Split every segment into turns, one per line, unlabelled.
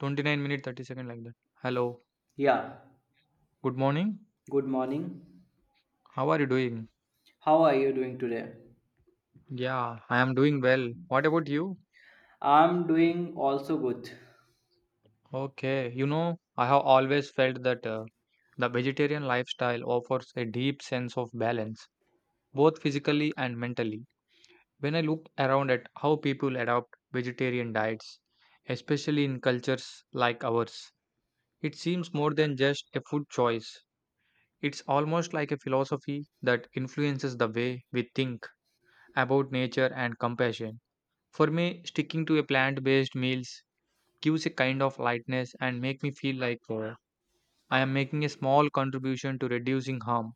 29 minute 30-second like that. Hello.
Yeah,
Good morning.
good morning.
How are you doing?
How are you doing today?
Yeah, I am doing well. What about you?
I'm doing also good.
Okay. You know, I have always felt that the vegetarian lifestyle offers a deep sense of balance, both physically and mentally. When I look around at how people adopt vegetarian diets, especially in cultures like ours, it seems more than just a food choice. It's almost like a philosophy that influences the way we think about nature and compassion. For me, sticking to a plant-based meals gives a kind of lightness and make me feel like I am making a small contribution to reducing harm.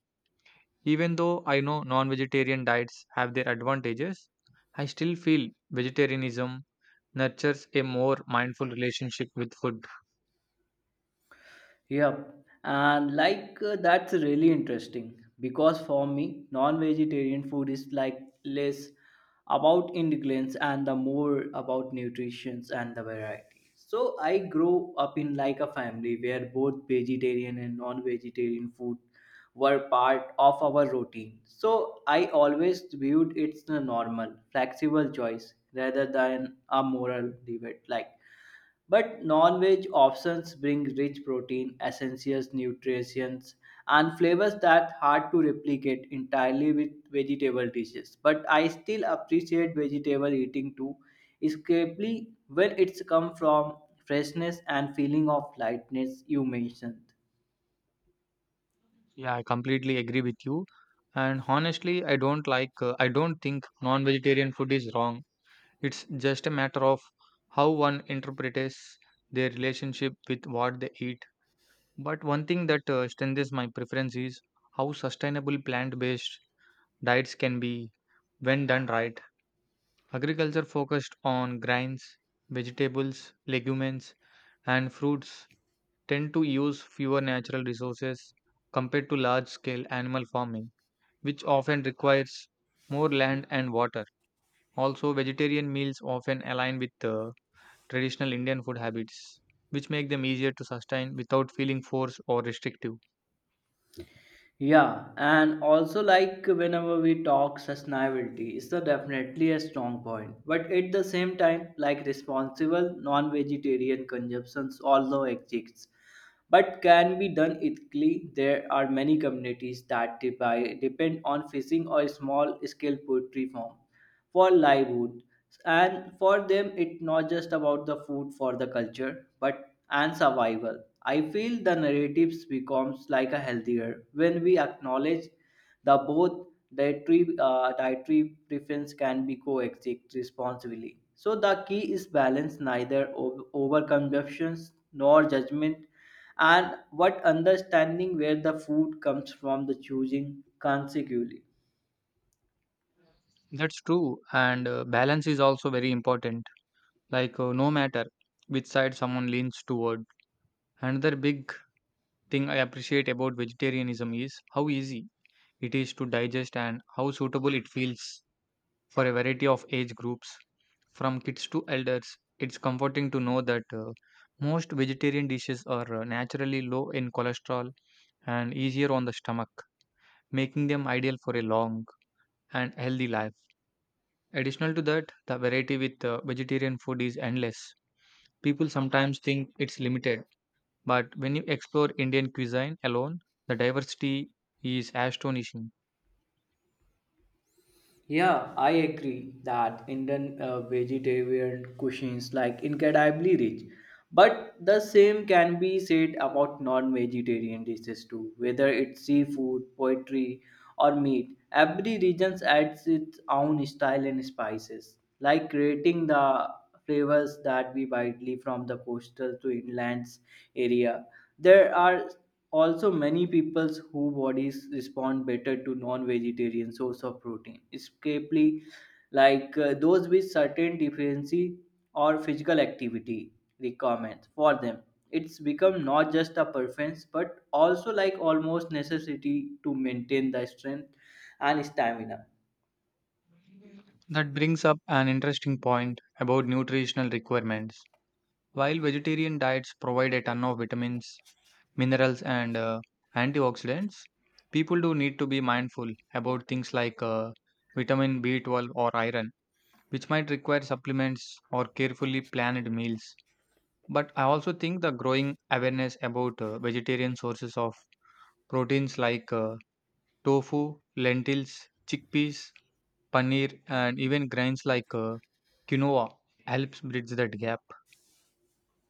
Even though I know non-vegetarian diets have their advantages, I still feel vegetarianism nurtures a more mindful relationship with food.
Yeah, and that's really interesting because for me, non-vegetarian food is like less about ingredients and the more about nutrition and the variety. So I grew up in like a family where both vegetarian and non-vegetarian food were part of our routine. So I always viewed it's a normal, flexible choice rather than a moral debate. Like but non-veg options bring rich protein, essentials, nutrients, and flavors that hard to replicate entirely with vegetable dishes. But I still appreciate vegetable eating too, especially when it's come from freshness and feeling of lightness you mentioned.
Yeah, I completely agree with you. And honestly, I don't like, I don't think non vegetarian food is wrong. It's just a matter of how one interprets their relationship with what they eat. But one thing that strengthens my preference is how sustainable plant based diets can be when done right. Agriculture focused on grains, vegetables, legumes, and fruits tend to use fewer natural resources compared to large scale animal farming, which often requires more land and water. Also, vegetarian meals often align with traditional Indian food habits, which make them easier to sustain without feeling forced or restrictive.
Yeah, and also like whenever we talk sustainability, it's a definitely a strong point. But at the same time, like responsible non-vegetarian consumptions also exists, but can be done ethically. There are many communities that depend on fishing or small-scale poultry farm for livelihood and for them it's not just about the food for the culture but and survival. I feel the narratives becomes like a healthier when we acknowledge the both dietary dietary preference can be coexist responsibly. So the key is balance, neither over consumptions nor judgment, and what understanding where the food comes from the choosing consecutively.
That's true, and balance is also very important. Like, no matter which side someone leans toward. Another big thing I appreciate about vegetarianism is how easy it is to digest and how suitable it feels for a variety of age groups, from kids to elders. It's comforting to know that most vegetarian dishes are naturally low in cholesterol and easier on the stomach, making them ideal for a long and healthy life. Additional to that, the variety with vegetarian food is endless. People sometimes think it's limited, but when you explore Indian cuisine alone, the diversity is astonishing.
Yeah, I agree that Indian vegetarian cuisines like incredibly rich. But the same can be said about non-vegetarian dishes too, whether it's seafood, poultry, or meat. Every region adds its own style and spices, like creating the flavors that we widely from the coastal to inlands area. There are also many peoples who bodies respond better to non-vegetarian source of protein, especially those with certain deficiency or physical activity requirements for them. It's become not just a preference but also like almost necessity to maintain the strength and stamina.
That brings up an interesting point about nutritional requirements. While vegetarian diets provide a ton of vitamins, minerals, and antioxidants, people do need to be mindful about things like vitamin B12 or iron, which might require supplements or carefully planned meals. But I also think the growing awareness about vegetarian sources of proteins like tofu, lentils, chickpeas, paneer, and even grains like quinoa helps bridge that gap.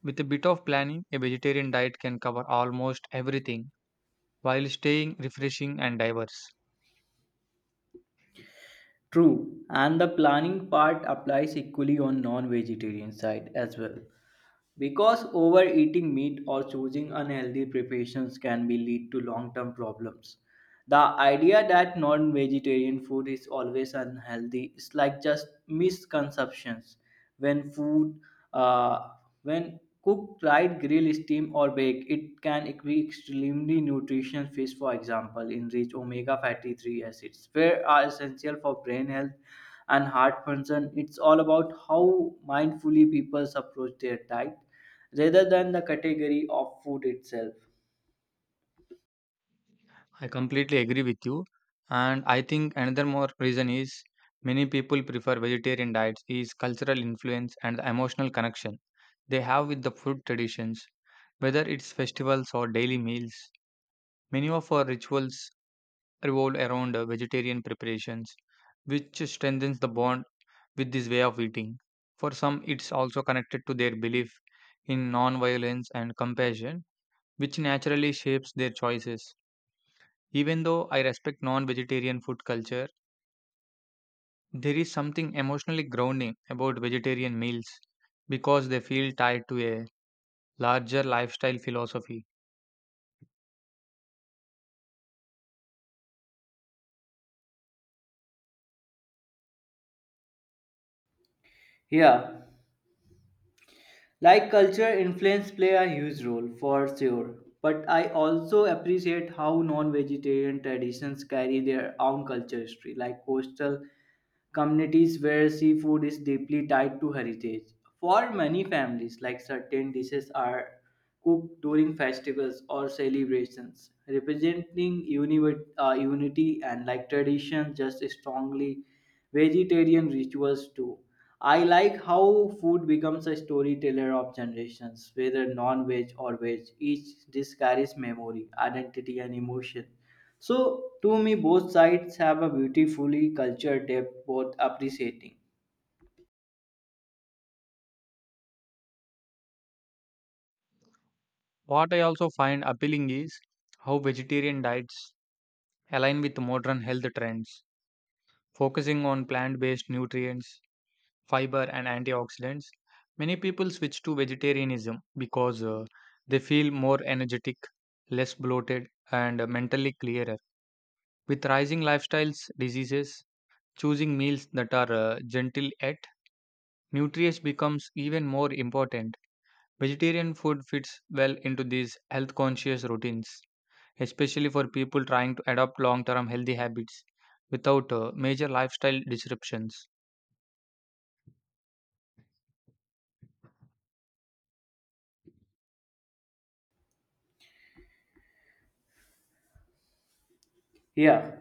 With a bit of planning, a vegetarian diet can cover almost everything while staying refreshing and diverse.
True, and the planning part applies equally on non-vegetarian side as well. Because overeating meat or choosing unhealthy preparations can be lead to long-term problems. The idea that non-vegetarian food is always unhealthy is like just misconceptions. When food, uh, when cooked right, grill, steam, or bake, it can be extremely nutritious. Fish, for example, enrich omega fatty three acids, which are essential for brain health and heart function. It's all about how mindfully people approach their diet rather than the category of food itself.
I completely agree with you. And I think another more reason is many people prefer vegetarian diets is cultural influence and the emotional connection they have with the food traditions. Whether it's festivals or daily meals, many of our rituals revolve around vegetarian preparations, which strengthens the bond with this way of eating. For some, it's also connected to their belief in non violence and compassion, which naturally shapes their choices. Even though I respect non vegetarian food culture, there is something emotionally grounding about vegetarian meals because they feel tied to a larger lifestyle philosophy.
Yeah, like culture influence play a huge role for sure. But I also appreciate how non-vegetarian traditions carry their own culture history, like coastal communities where seafood is deeply tied to heritage. For many families, like certain dishes are cooked during festivals or celebrations, representing unity and like tradition just strongly vegetarian rituals too. I like how food becomes a storyteller of generations, whether non veg or veg. Each dish carries memory, identity, and emotion. So, to me, both sides have a beautifully cultured depth, both appreciating.
What I also find appealing is how vegetarian diets align with modern health trends, focusing on plant based nutrients, fiber, and antioxidants. Many people switch to vegetarianism because they feel more energetic, less bloated, and mentally clearer. With rising lifestyles, diseases, choosing meals that are gentle yet nutritious becomes even more important. Vegetarian food fits well into these health conscious routines, especially for people trying to adopt long term healthy habits without major lifestyle disruptions.
Yeah,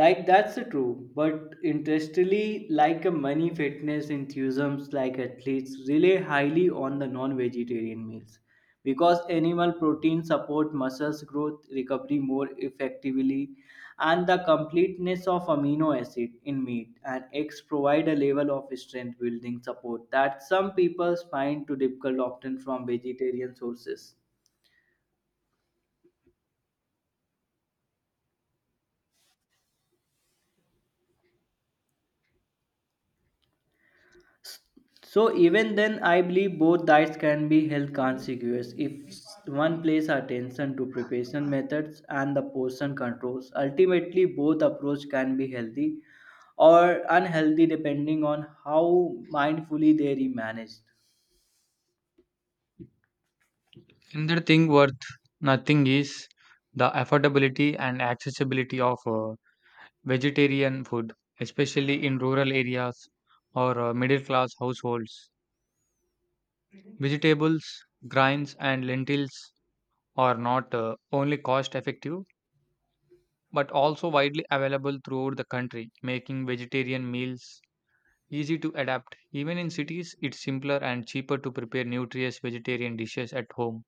like that's the true. But interestingly, like a many fitness enthusiasts, like athletes, rely highly on the non-vegetarian meals because animal protein support muscles growth recovery more effectively, and the completeness of amino acid in meat and eggs provide a level of strength building support that some people find too difficult often from vegetarian sources. So even then, I believe both diets can be health consequences if one plays attention to preparation methods and the portion controls. Ultimately, both approach can be healthy or unhealthy depending on how mindfully they are managed.
Another thing worth nothing is the affordability and accessibility of vegetarian food, especially in rural areas or middle class households. Vegetables, grains, and lentils are not only cost effective but also widely available throughout the country, making vegetarian meals easy to adapt. Even in cities, it's simpler and cheaper to prepare nutritious vegetarian dishes at home.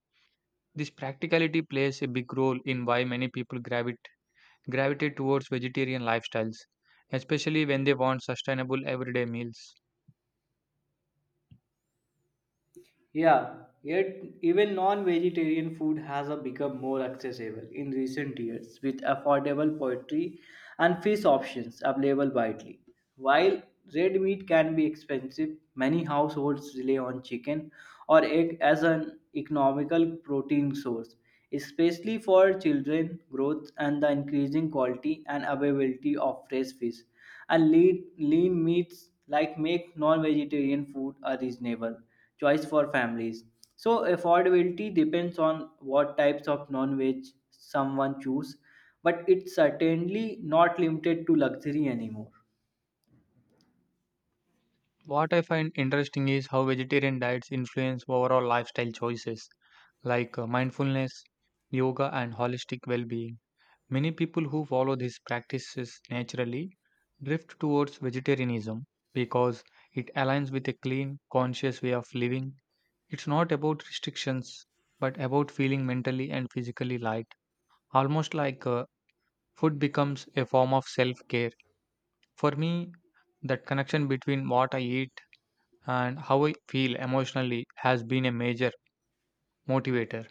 This practicality plays a big role in why many people gravitate towards vegetarian lifestyles, especially when they want sustainable everyday meals.
Yeah, yet even non-vegetarian food has a become more accessible in recent years with affordable poultry and fish options available widely. While red meat can be expensive, many households rely on chicken or egg as an economical protein source, especially for children growth and the increasing quality and availability of fresh fish and lean meats like make non-vegetarian food a reasonable choice for families. So affordability depends on what types of non-veg someone choose, but it's certainly not limited to luxury anymore.
What I find interesting is how vegetarian diets influence overall lifestyle choices like mindfulness, yoga, and holistic well being. Many people who follow these practices naturally drift towards vegetarianism because it aligns with a clean, conscious way of living. It's not about restrictions, but about feeling mentally and physically light, almost like food becomes a form of self care. For me, that connection between what I eat and how I feel emotionally has been a major motivator.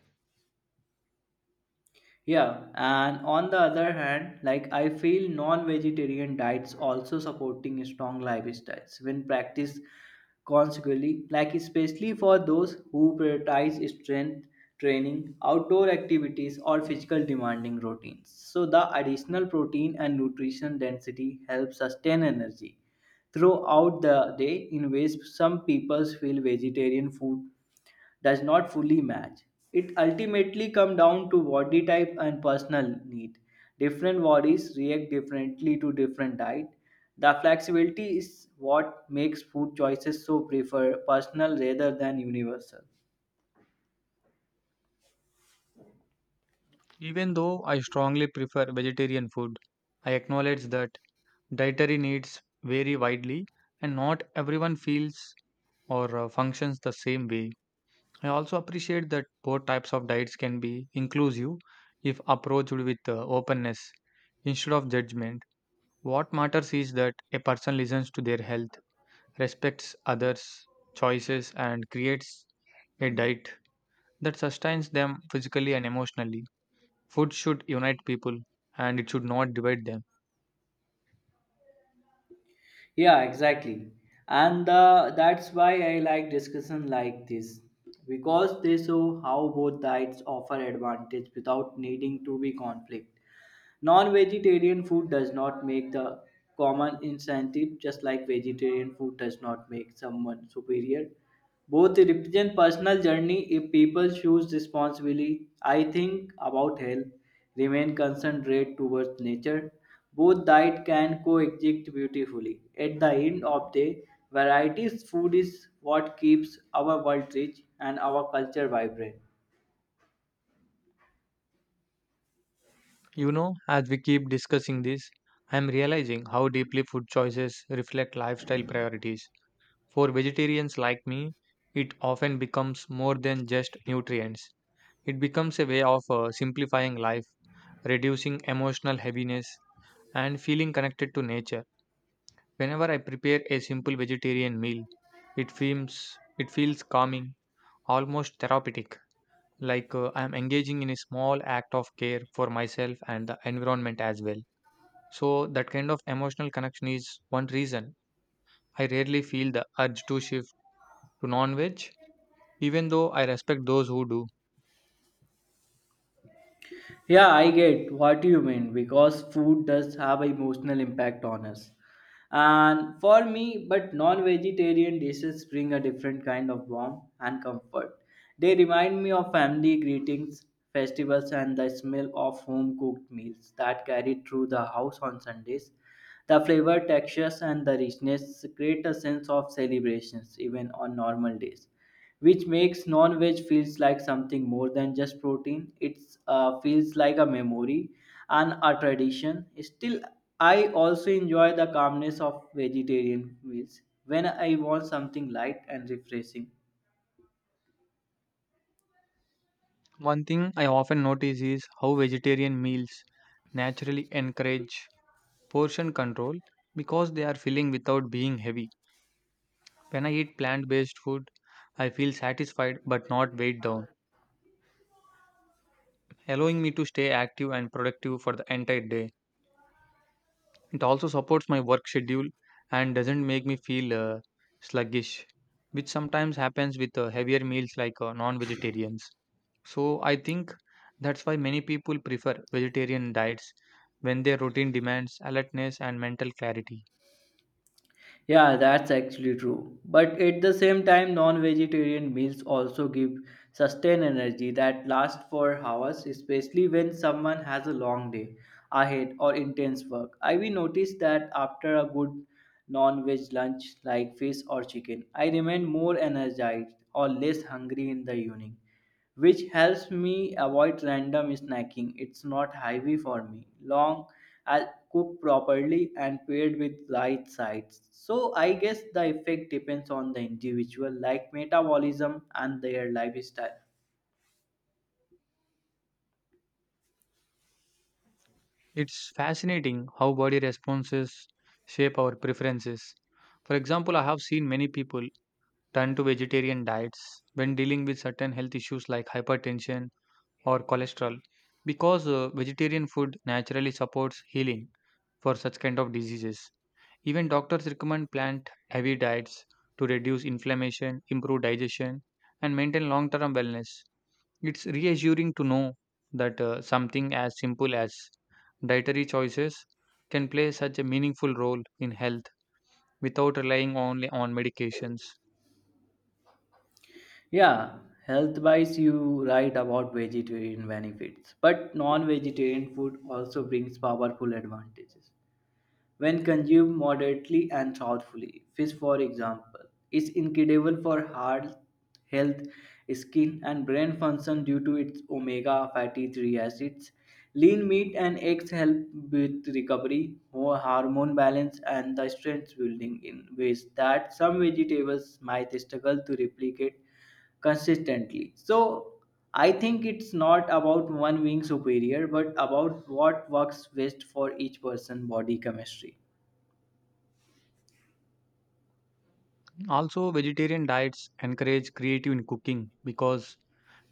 Yeah, and on the other hand, like I feel non-vegetarian diets also supporting strong lifestyles when practiced consequently, like especially for those who prioritize strength training, outdoor activities, or physical demanding routines. So the additional protein and nutrition density helps sustain energy throughout the day in ways some people feel vegetarian food does not fully match. It ultimately comes down to body type and personal need. Different bodies react differently to different diet. The flexibility is what makes food choices so prefer personal rather than universal.
Even though I strongly prefer vegetarian food, I acknowledge that dietary needs vary widely, and not everyone feels or functions the same way. I also appreciate that both types of diets can be inclusive if approached with openness instead of judgment. What matters is that a person listens to their health, respects others' choices, and creates a diet that sustains them physically and emotionally. Food should unite people and it should not divide them.
Yeah, exactly. And that's why I like discussion like this because they show how both diets offer advantage without needing to be conflict. Non-vegetarian food does not make the common incentive, just like vegetarian food does not make someone superior. Both represent personal journey. If people choose responsibly, I think about health, remain concentrate towards nature. Both diet can coexist beautifully. At the end of the varieties food is what keeps our world rich and our culture vibrant.
You know, as we keep discussing this, I am realizing how deeply food choices reflect lifestyle priorities. For vegetarians like me, it often becomes more than just nutrients. It becomes a way of simplifying life, reducing emotional heaviness, and feeling connected to nature. Whenever I prepare a simple vegetarian meal, it feels calming, almost therapeutic, like I am engaging in a small act of care for myself and the environment as well. So that kind of emotional connection is one reason I rarely feel the urge to shift to non-veg, even though I respect those who do.
Yeah, I get what you mean because food does have an emotional impact on us. And for me, but non vegetarian dishes bring a different kind of warmth and comfort. They remind me of family greetings, festivals, and the smell of home cooked meals that carried through the house on Sundays. The flavor, textures, and the richness create a sense of celebrations even on normal days which makes non-veg feels like something more than just protein. It feels like a memory and a tradition. Still, I also enjoy the calmness of vegetarian meals when I want something light and refreshing.
One thing I often notice is how vegetarian meals naturally encourage portion control because they are filling without being heavy. When I eat plant-based food, I feel satisfied but not weighed down, allowing me to stay active and productive for the entire day. It also supports my work schedule and doesn't make me feel sluggish, which sometimes happens with heavier meals like non vegetarians. So I think that's why many people prefer vegetarian diets when their routine demands alertness and mental clarity.
Yeah, that's actually true. But at the same time, non-vegetarian meals also give sustained energy that lasts for hours, especially when someone has a long day ahead or intense work. I will notice that after a good non-veg lunch like fish or chicken, I remain more energized or less hungry in the evening which helps me avoid random snacking. It's not heavy for me, long as cooked properly and paired with right sides. So I guess the effect depends on the individual, like metabolism and their lifestyle.
It's fascinating how body responses shape our preferences. For example, I have seen many people turn to vegetarian diets when dealing with certain health issues like hypertension or cholesterol because vegetarian food naturally supports healing for such kind of diseases. Even doctors recommend plant heavy diets to reduce inflammation, improve digestion, and maintain long term wellness. It's reassuring to know that something as simple as dietary choices can play such a meaningful role in health without relying only on medications.
Yeah, health-wise, you write about vegetarian benefits, but non-vegetarian food also brings powerful advantages. When consumed moderately and thoughtfully, fish, for example, is incredible for heart health, skin, and brain function due to its omega fatty 3 acids. Lean meat and eggs help with recovery, hormone balance, and the strength building in ways that some vegetables might struggle to replicate consistently. So I think it's not about one being superior, but about what works best for each person body chemistry.
Also, vegetarian diets encourage creative in cooking because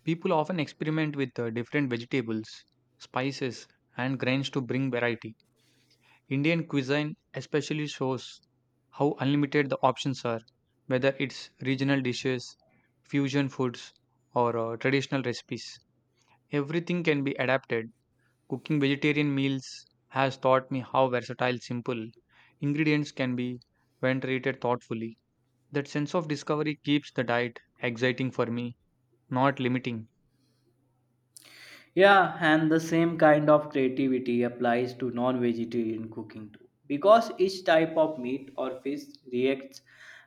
people often experiment with different vegetables, spices, and grains to bring variety. Indian cuisine especially shows how unlimited the options are, whether it's regional dishes, fusion foods, or traditional recipes. Everything can be adapted. Cooking vegetarian meals has taught me how versatile simple ingredients can be when treated thoughtfully. That sense of discovery keeps the diet exciting for me, not limiting.
Yeah, and the same kind of creativity applies to non vegetarian cooking too. Because each type of meat or fish reacts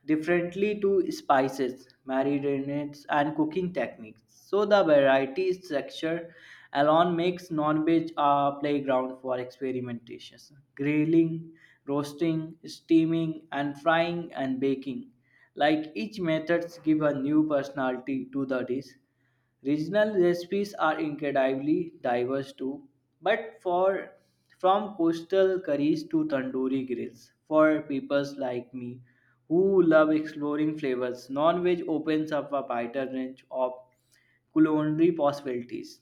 differently to spices, marinades, and cooking techniques. So the variety structure alone makes non veg a playground for experimentation. Grilling, roasting, steaming, and frying and baking. Like each methods give a new personality to the dish. Regional recipes are incredibly diverse too, but for from coastal curries to tandoori grills for people like me who love exploring flavors, non-veg opens up a wider range of culinary possibilities.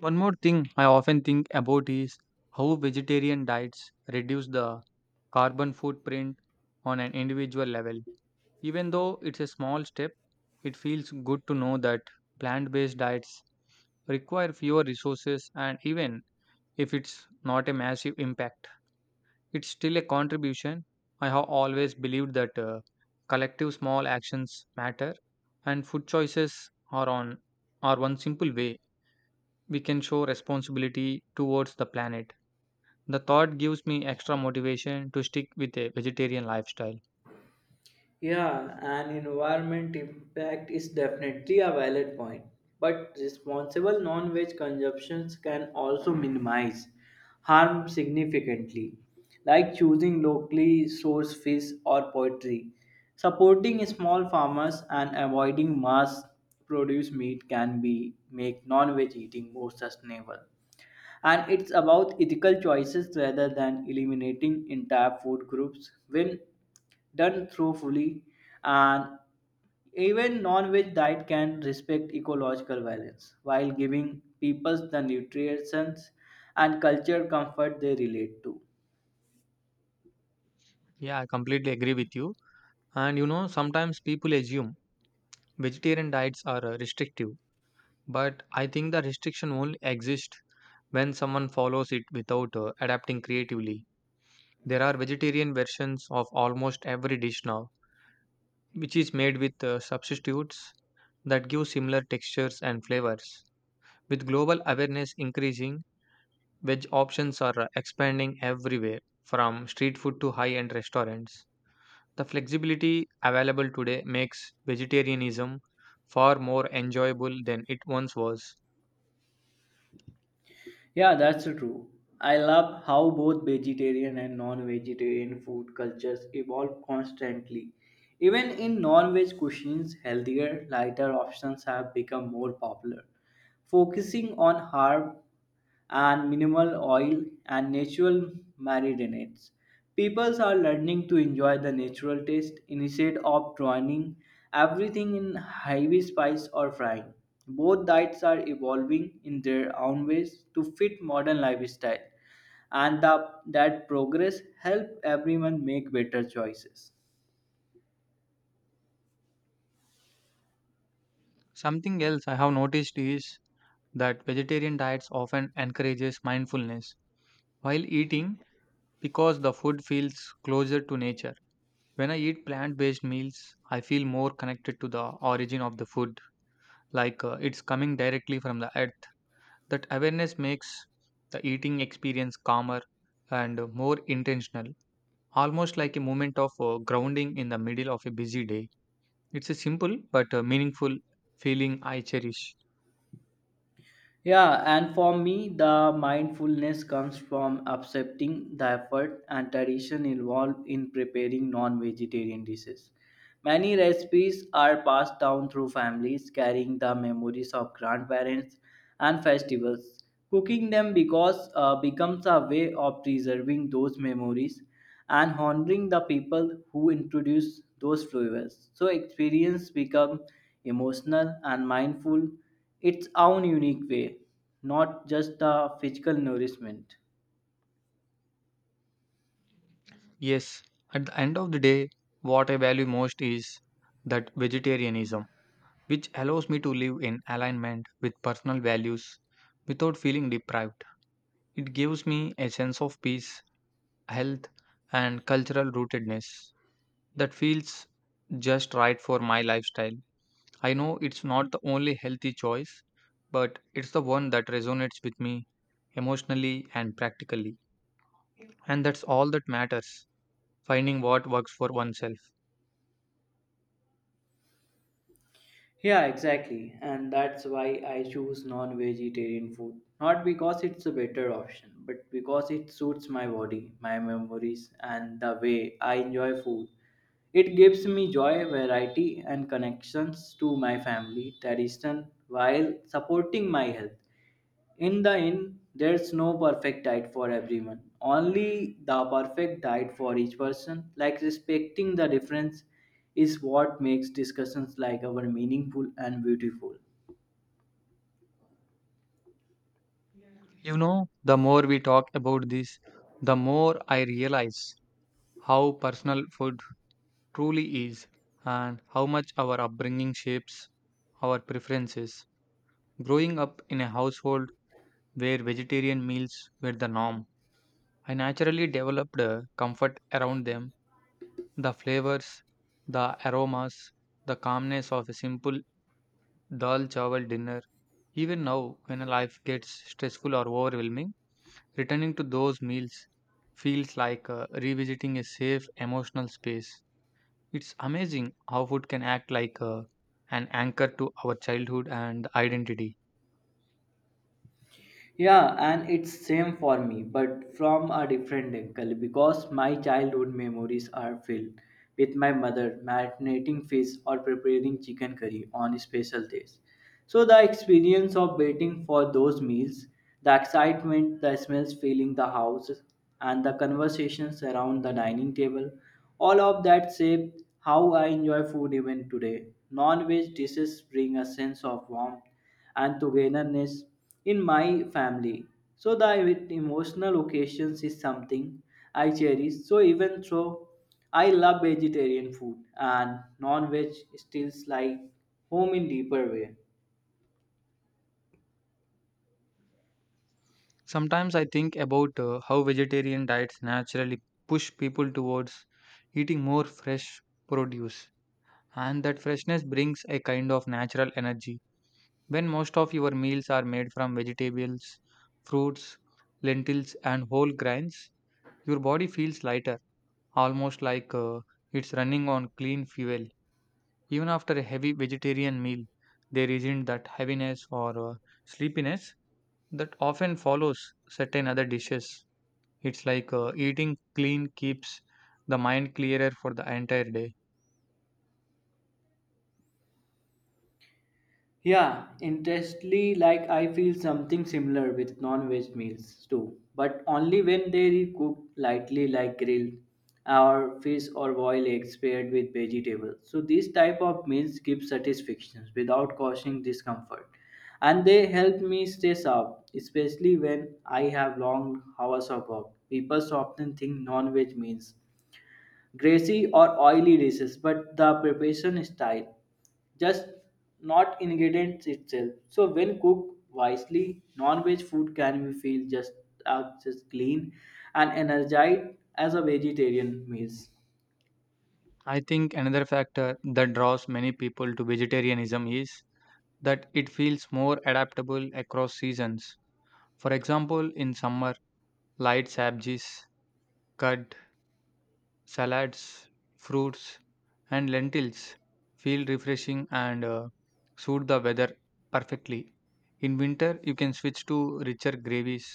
One more thing I often think about is how vegetarian diets reduce the carbon footprint on an individual level. Even though it's a small step, it feels good to know that plant based diets require fewer resources, and even if it's not a massive impact, it's still a contribution. I have always believed that collective small actions matter, and food choices are on are one simple way we can show responsibility towards the planet. The thought gives me extra motivation to stick with a vegetarian lifestyle.
Yeah, and environment impact is definitely a valid point, but responsible non-veg consumptions can also minimize harm significantly, like choosing locally sourced fish or poultry. Supporting small farmers and avoiding mass produced meat can be make non-veg eating more sustainable and it's about ethical choices rather than eliminating entire food groups when done thoughtfully and even non-veg diet can respect ecological balance while giving people the nutrition and culture comfort they relate to.
Yeah, I completely agree with you. And you know, sometimes people assume vegetarian diets are restrictive, but I think the restriction only exists when someone follows it without adapting creatively. There are vegetarian versions of almost every dish now, which is made with substitutes that give similar textures and flavors. With global awareness increasing, veg options are expanding everywhere, from street food to high end restaurants. The flexibility available today makes vegetarianism far more enjoyable than it once was.
Yeah, that's true. I love how both vegetarian and non-vegetarian food cultures evolve constantly. Even in non-veg cuisines healthier lighter options have become more popular, focusing on herb and minimal oil and natural marinades. People are learning to enjoy the natural taste instead of drowning everything in heavy spice or frying. Both diets are evolving in their own ways to fit modern lifestyle, and that progress help everyone make better choices.
Something else I have noticed is that vegetarian diets often encourages mindfulness while eating because the food feels closer to nature. When I eat plant-based meals, I feel more connected to the origin of the food, like it's coming directly from the earth. That awareness makes the eating experience calmer and more intentional, almost like a moment of grounding in the middle of a busy day. It's a simple but meaningful feeling I cherish.
Yeah, and for me, the mindfulness comes from accepting the effort and tradition involved in preparing non vegetarian dishes. Many recipes are passed down through families carrying the memories of grandparents and festivals. Cooking them because becomes a way of preserving those memories and honoring the people who introduce those flavors. So experience become emotional and mindful its own unique way, not just the physical nourishment.
Yes, at the end of the day, what I value most is that vegetarianism, which allows me to live in alignment with personal values without feeling deprived. It gives me a sense of peace, health, and cultural rootedness. That feels just right for my lifestyle. I know it's not the only healthy choice, but it's the one that resonates with me emotionally and practically. And that's all that matters, finding what works for oneself.
Yeah, exactly. And that's why I choose non vegetarian food. Not because it's a better option, but because it suits my body, my memories, and the way I enjoy food. It gives me joy, variety, and connections to my family tradition while supporting my health. In the end, there's no perfect diet for everyone, only the perfect diet for each person. Like respecting the difference is what makes discussions like our meaningful and beautiful.
You know, the more we talk about this, the more I realize how personal food truly is and how much our upbringing shapes our preferences. Growing up in a household where vegetarian meals were the norm, I naturally developed a comfort around them. The flavors, the aromas, the calmness of a simple dal chawal dinner. Even now, when life gets stressful or overwhelming, returning to those meals feels like revisiting a safe emotional space. It's amazing how food can act like an anchor to our childhood and identity.
Yeah, and it's same for me, but from a different angle because my childhood memories are filled with my mother marinating fish or preparing chicken curry on special days. So the experience of waiting for those meals, the excitement, the smells filling the house, and the conversations around the dining table, all of that shape how I enjoy food even today. Non-veg dishes bring a sense of warmth and togetherness in my family. So the emotional occasions is something I cherish. So even though I love vegetarian food and non-veg still like home in deeper way.
Sometimes I think about how vegetarian diets naturally push people towards eating more fresh produce, and that freshness brings a kind of natural energy. When most of your meals are made from vegetables, fruits, lentils, and whole grains, your body feels lighter, almost like it's running on clean fuel. Even after a heavy vegetarian meal, there isn't that heaviness or sleepiness that often follows certain other dishes. It's like eating clean keeps the mind clearer for the entire day.
Yeah, interestingly, like I feel something similar with non-veg meals too, but only when they are cooked lightly, like grilled, or fish or boiled eggs paired with vegetables. So these type of meals give satisfaction without causing discomfort, and they help me stay sharp, especially when I have long hours of work. People often think non-veg means greasy or oily dishes, but the preparation style just not ingredients itself. So when cooked wisely, non-veg food can be feel just as just clean and energized as a vegetarian meals.
I think another factor that draws many people to vegetarianism is that it feels more adaptable across seasons. For example, in summer, light sabjis, curd, salads, fruits, and lentils feel refreshing and suit the weather perfectly. In winter, you can switch to richer gravies,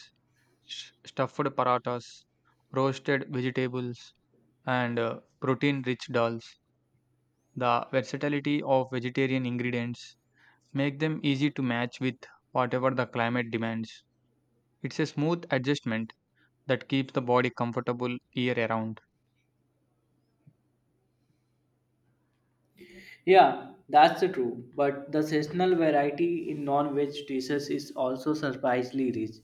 stuffed paratas, roasted vegetables, and protein-rich dals. The versatility of vegetarian ingredients make them easy to match with whatever the climate demands. It's a smooth adjustment that keeps the body comfortable year around.
Yeah, that's the true. But the seasonal variety in non-veg dishes is also surprisingly rich.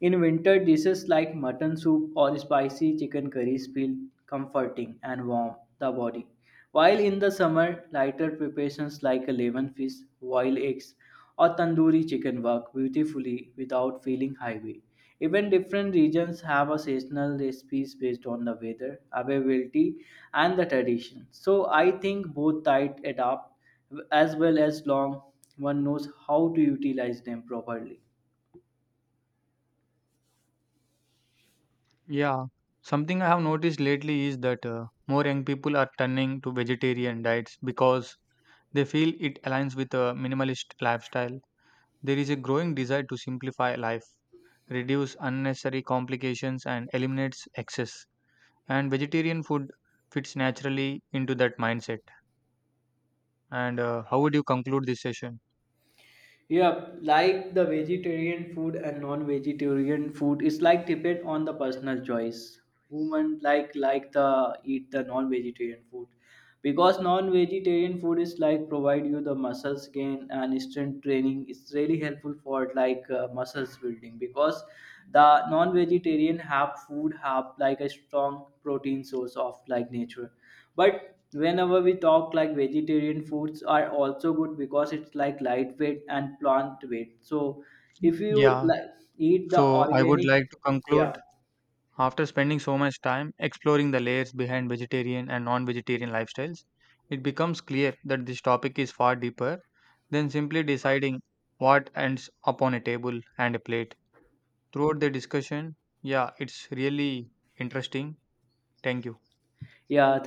In winter, dishes like mutton soup or spicy chicken curries feel comforting and warm the body. While in the summer, lighter preparations like a lemon fish, boiled eggs, or tandoori chicken work beautifully without feeling heavy. Even different regions have a seasonal recipes based on the weather, availability, and the tradition. So I think both types adapt as well as long one knows how to utilize them properly.
Yeah, something I have noticed lately is that more young people are turning to vegetarian diets because they feel it aligns with a minimalist lifestyle. There is a growing desire to simplify life, reduce unnecessary complications and eliminates excess. And vegetarian food fits naturally into that mindset. And how would you conclude this session?
Yeah, like the vegetarian food and non-vegetarian food is like depend on the personal choice. Women like the eat the non-vegetarian food, because non-vegetarian food is like provide you the muscles gain and strength training it's really helpful for muscles building because the non-vegetarian have food have like a strong protein source of like nature but whenever we talk like vegetarian foods are also good because it's like lightweight and plant weight so if you
Yeah,
like eat the
so I would
organic
like to conclude
yeah
after spending so much time exploring the layers behind vegetarian and non vegetarian lifestyles, it becomes clear that this topic is far deeper than simply deciding what ends up on a table and a plate. Throughout the discussion, yeah, it's really interesting. Thank you.
yeah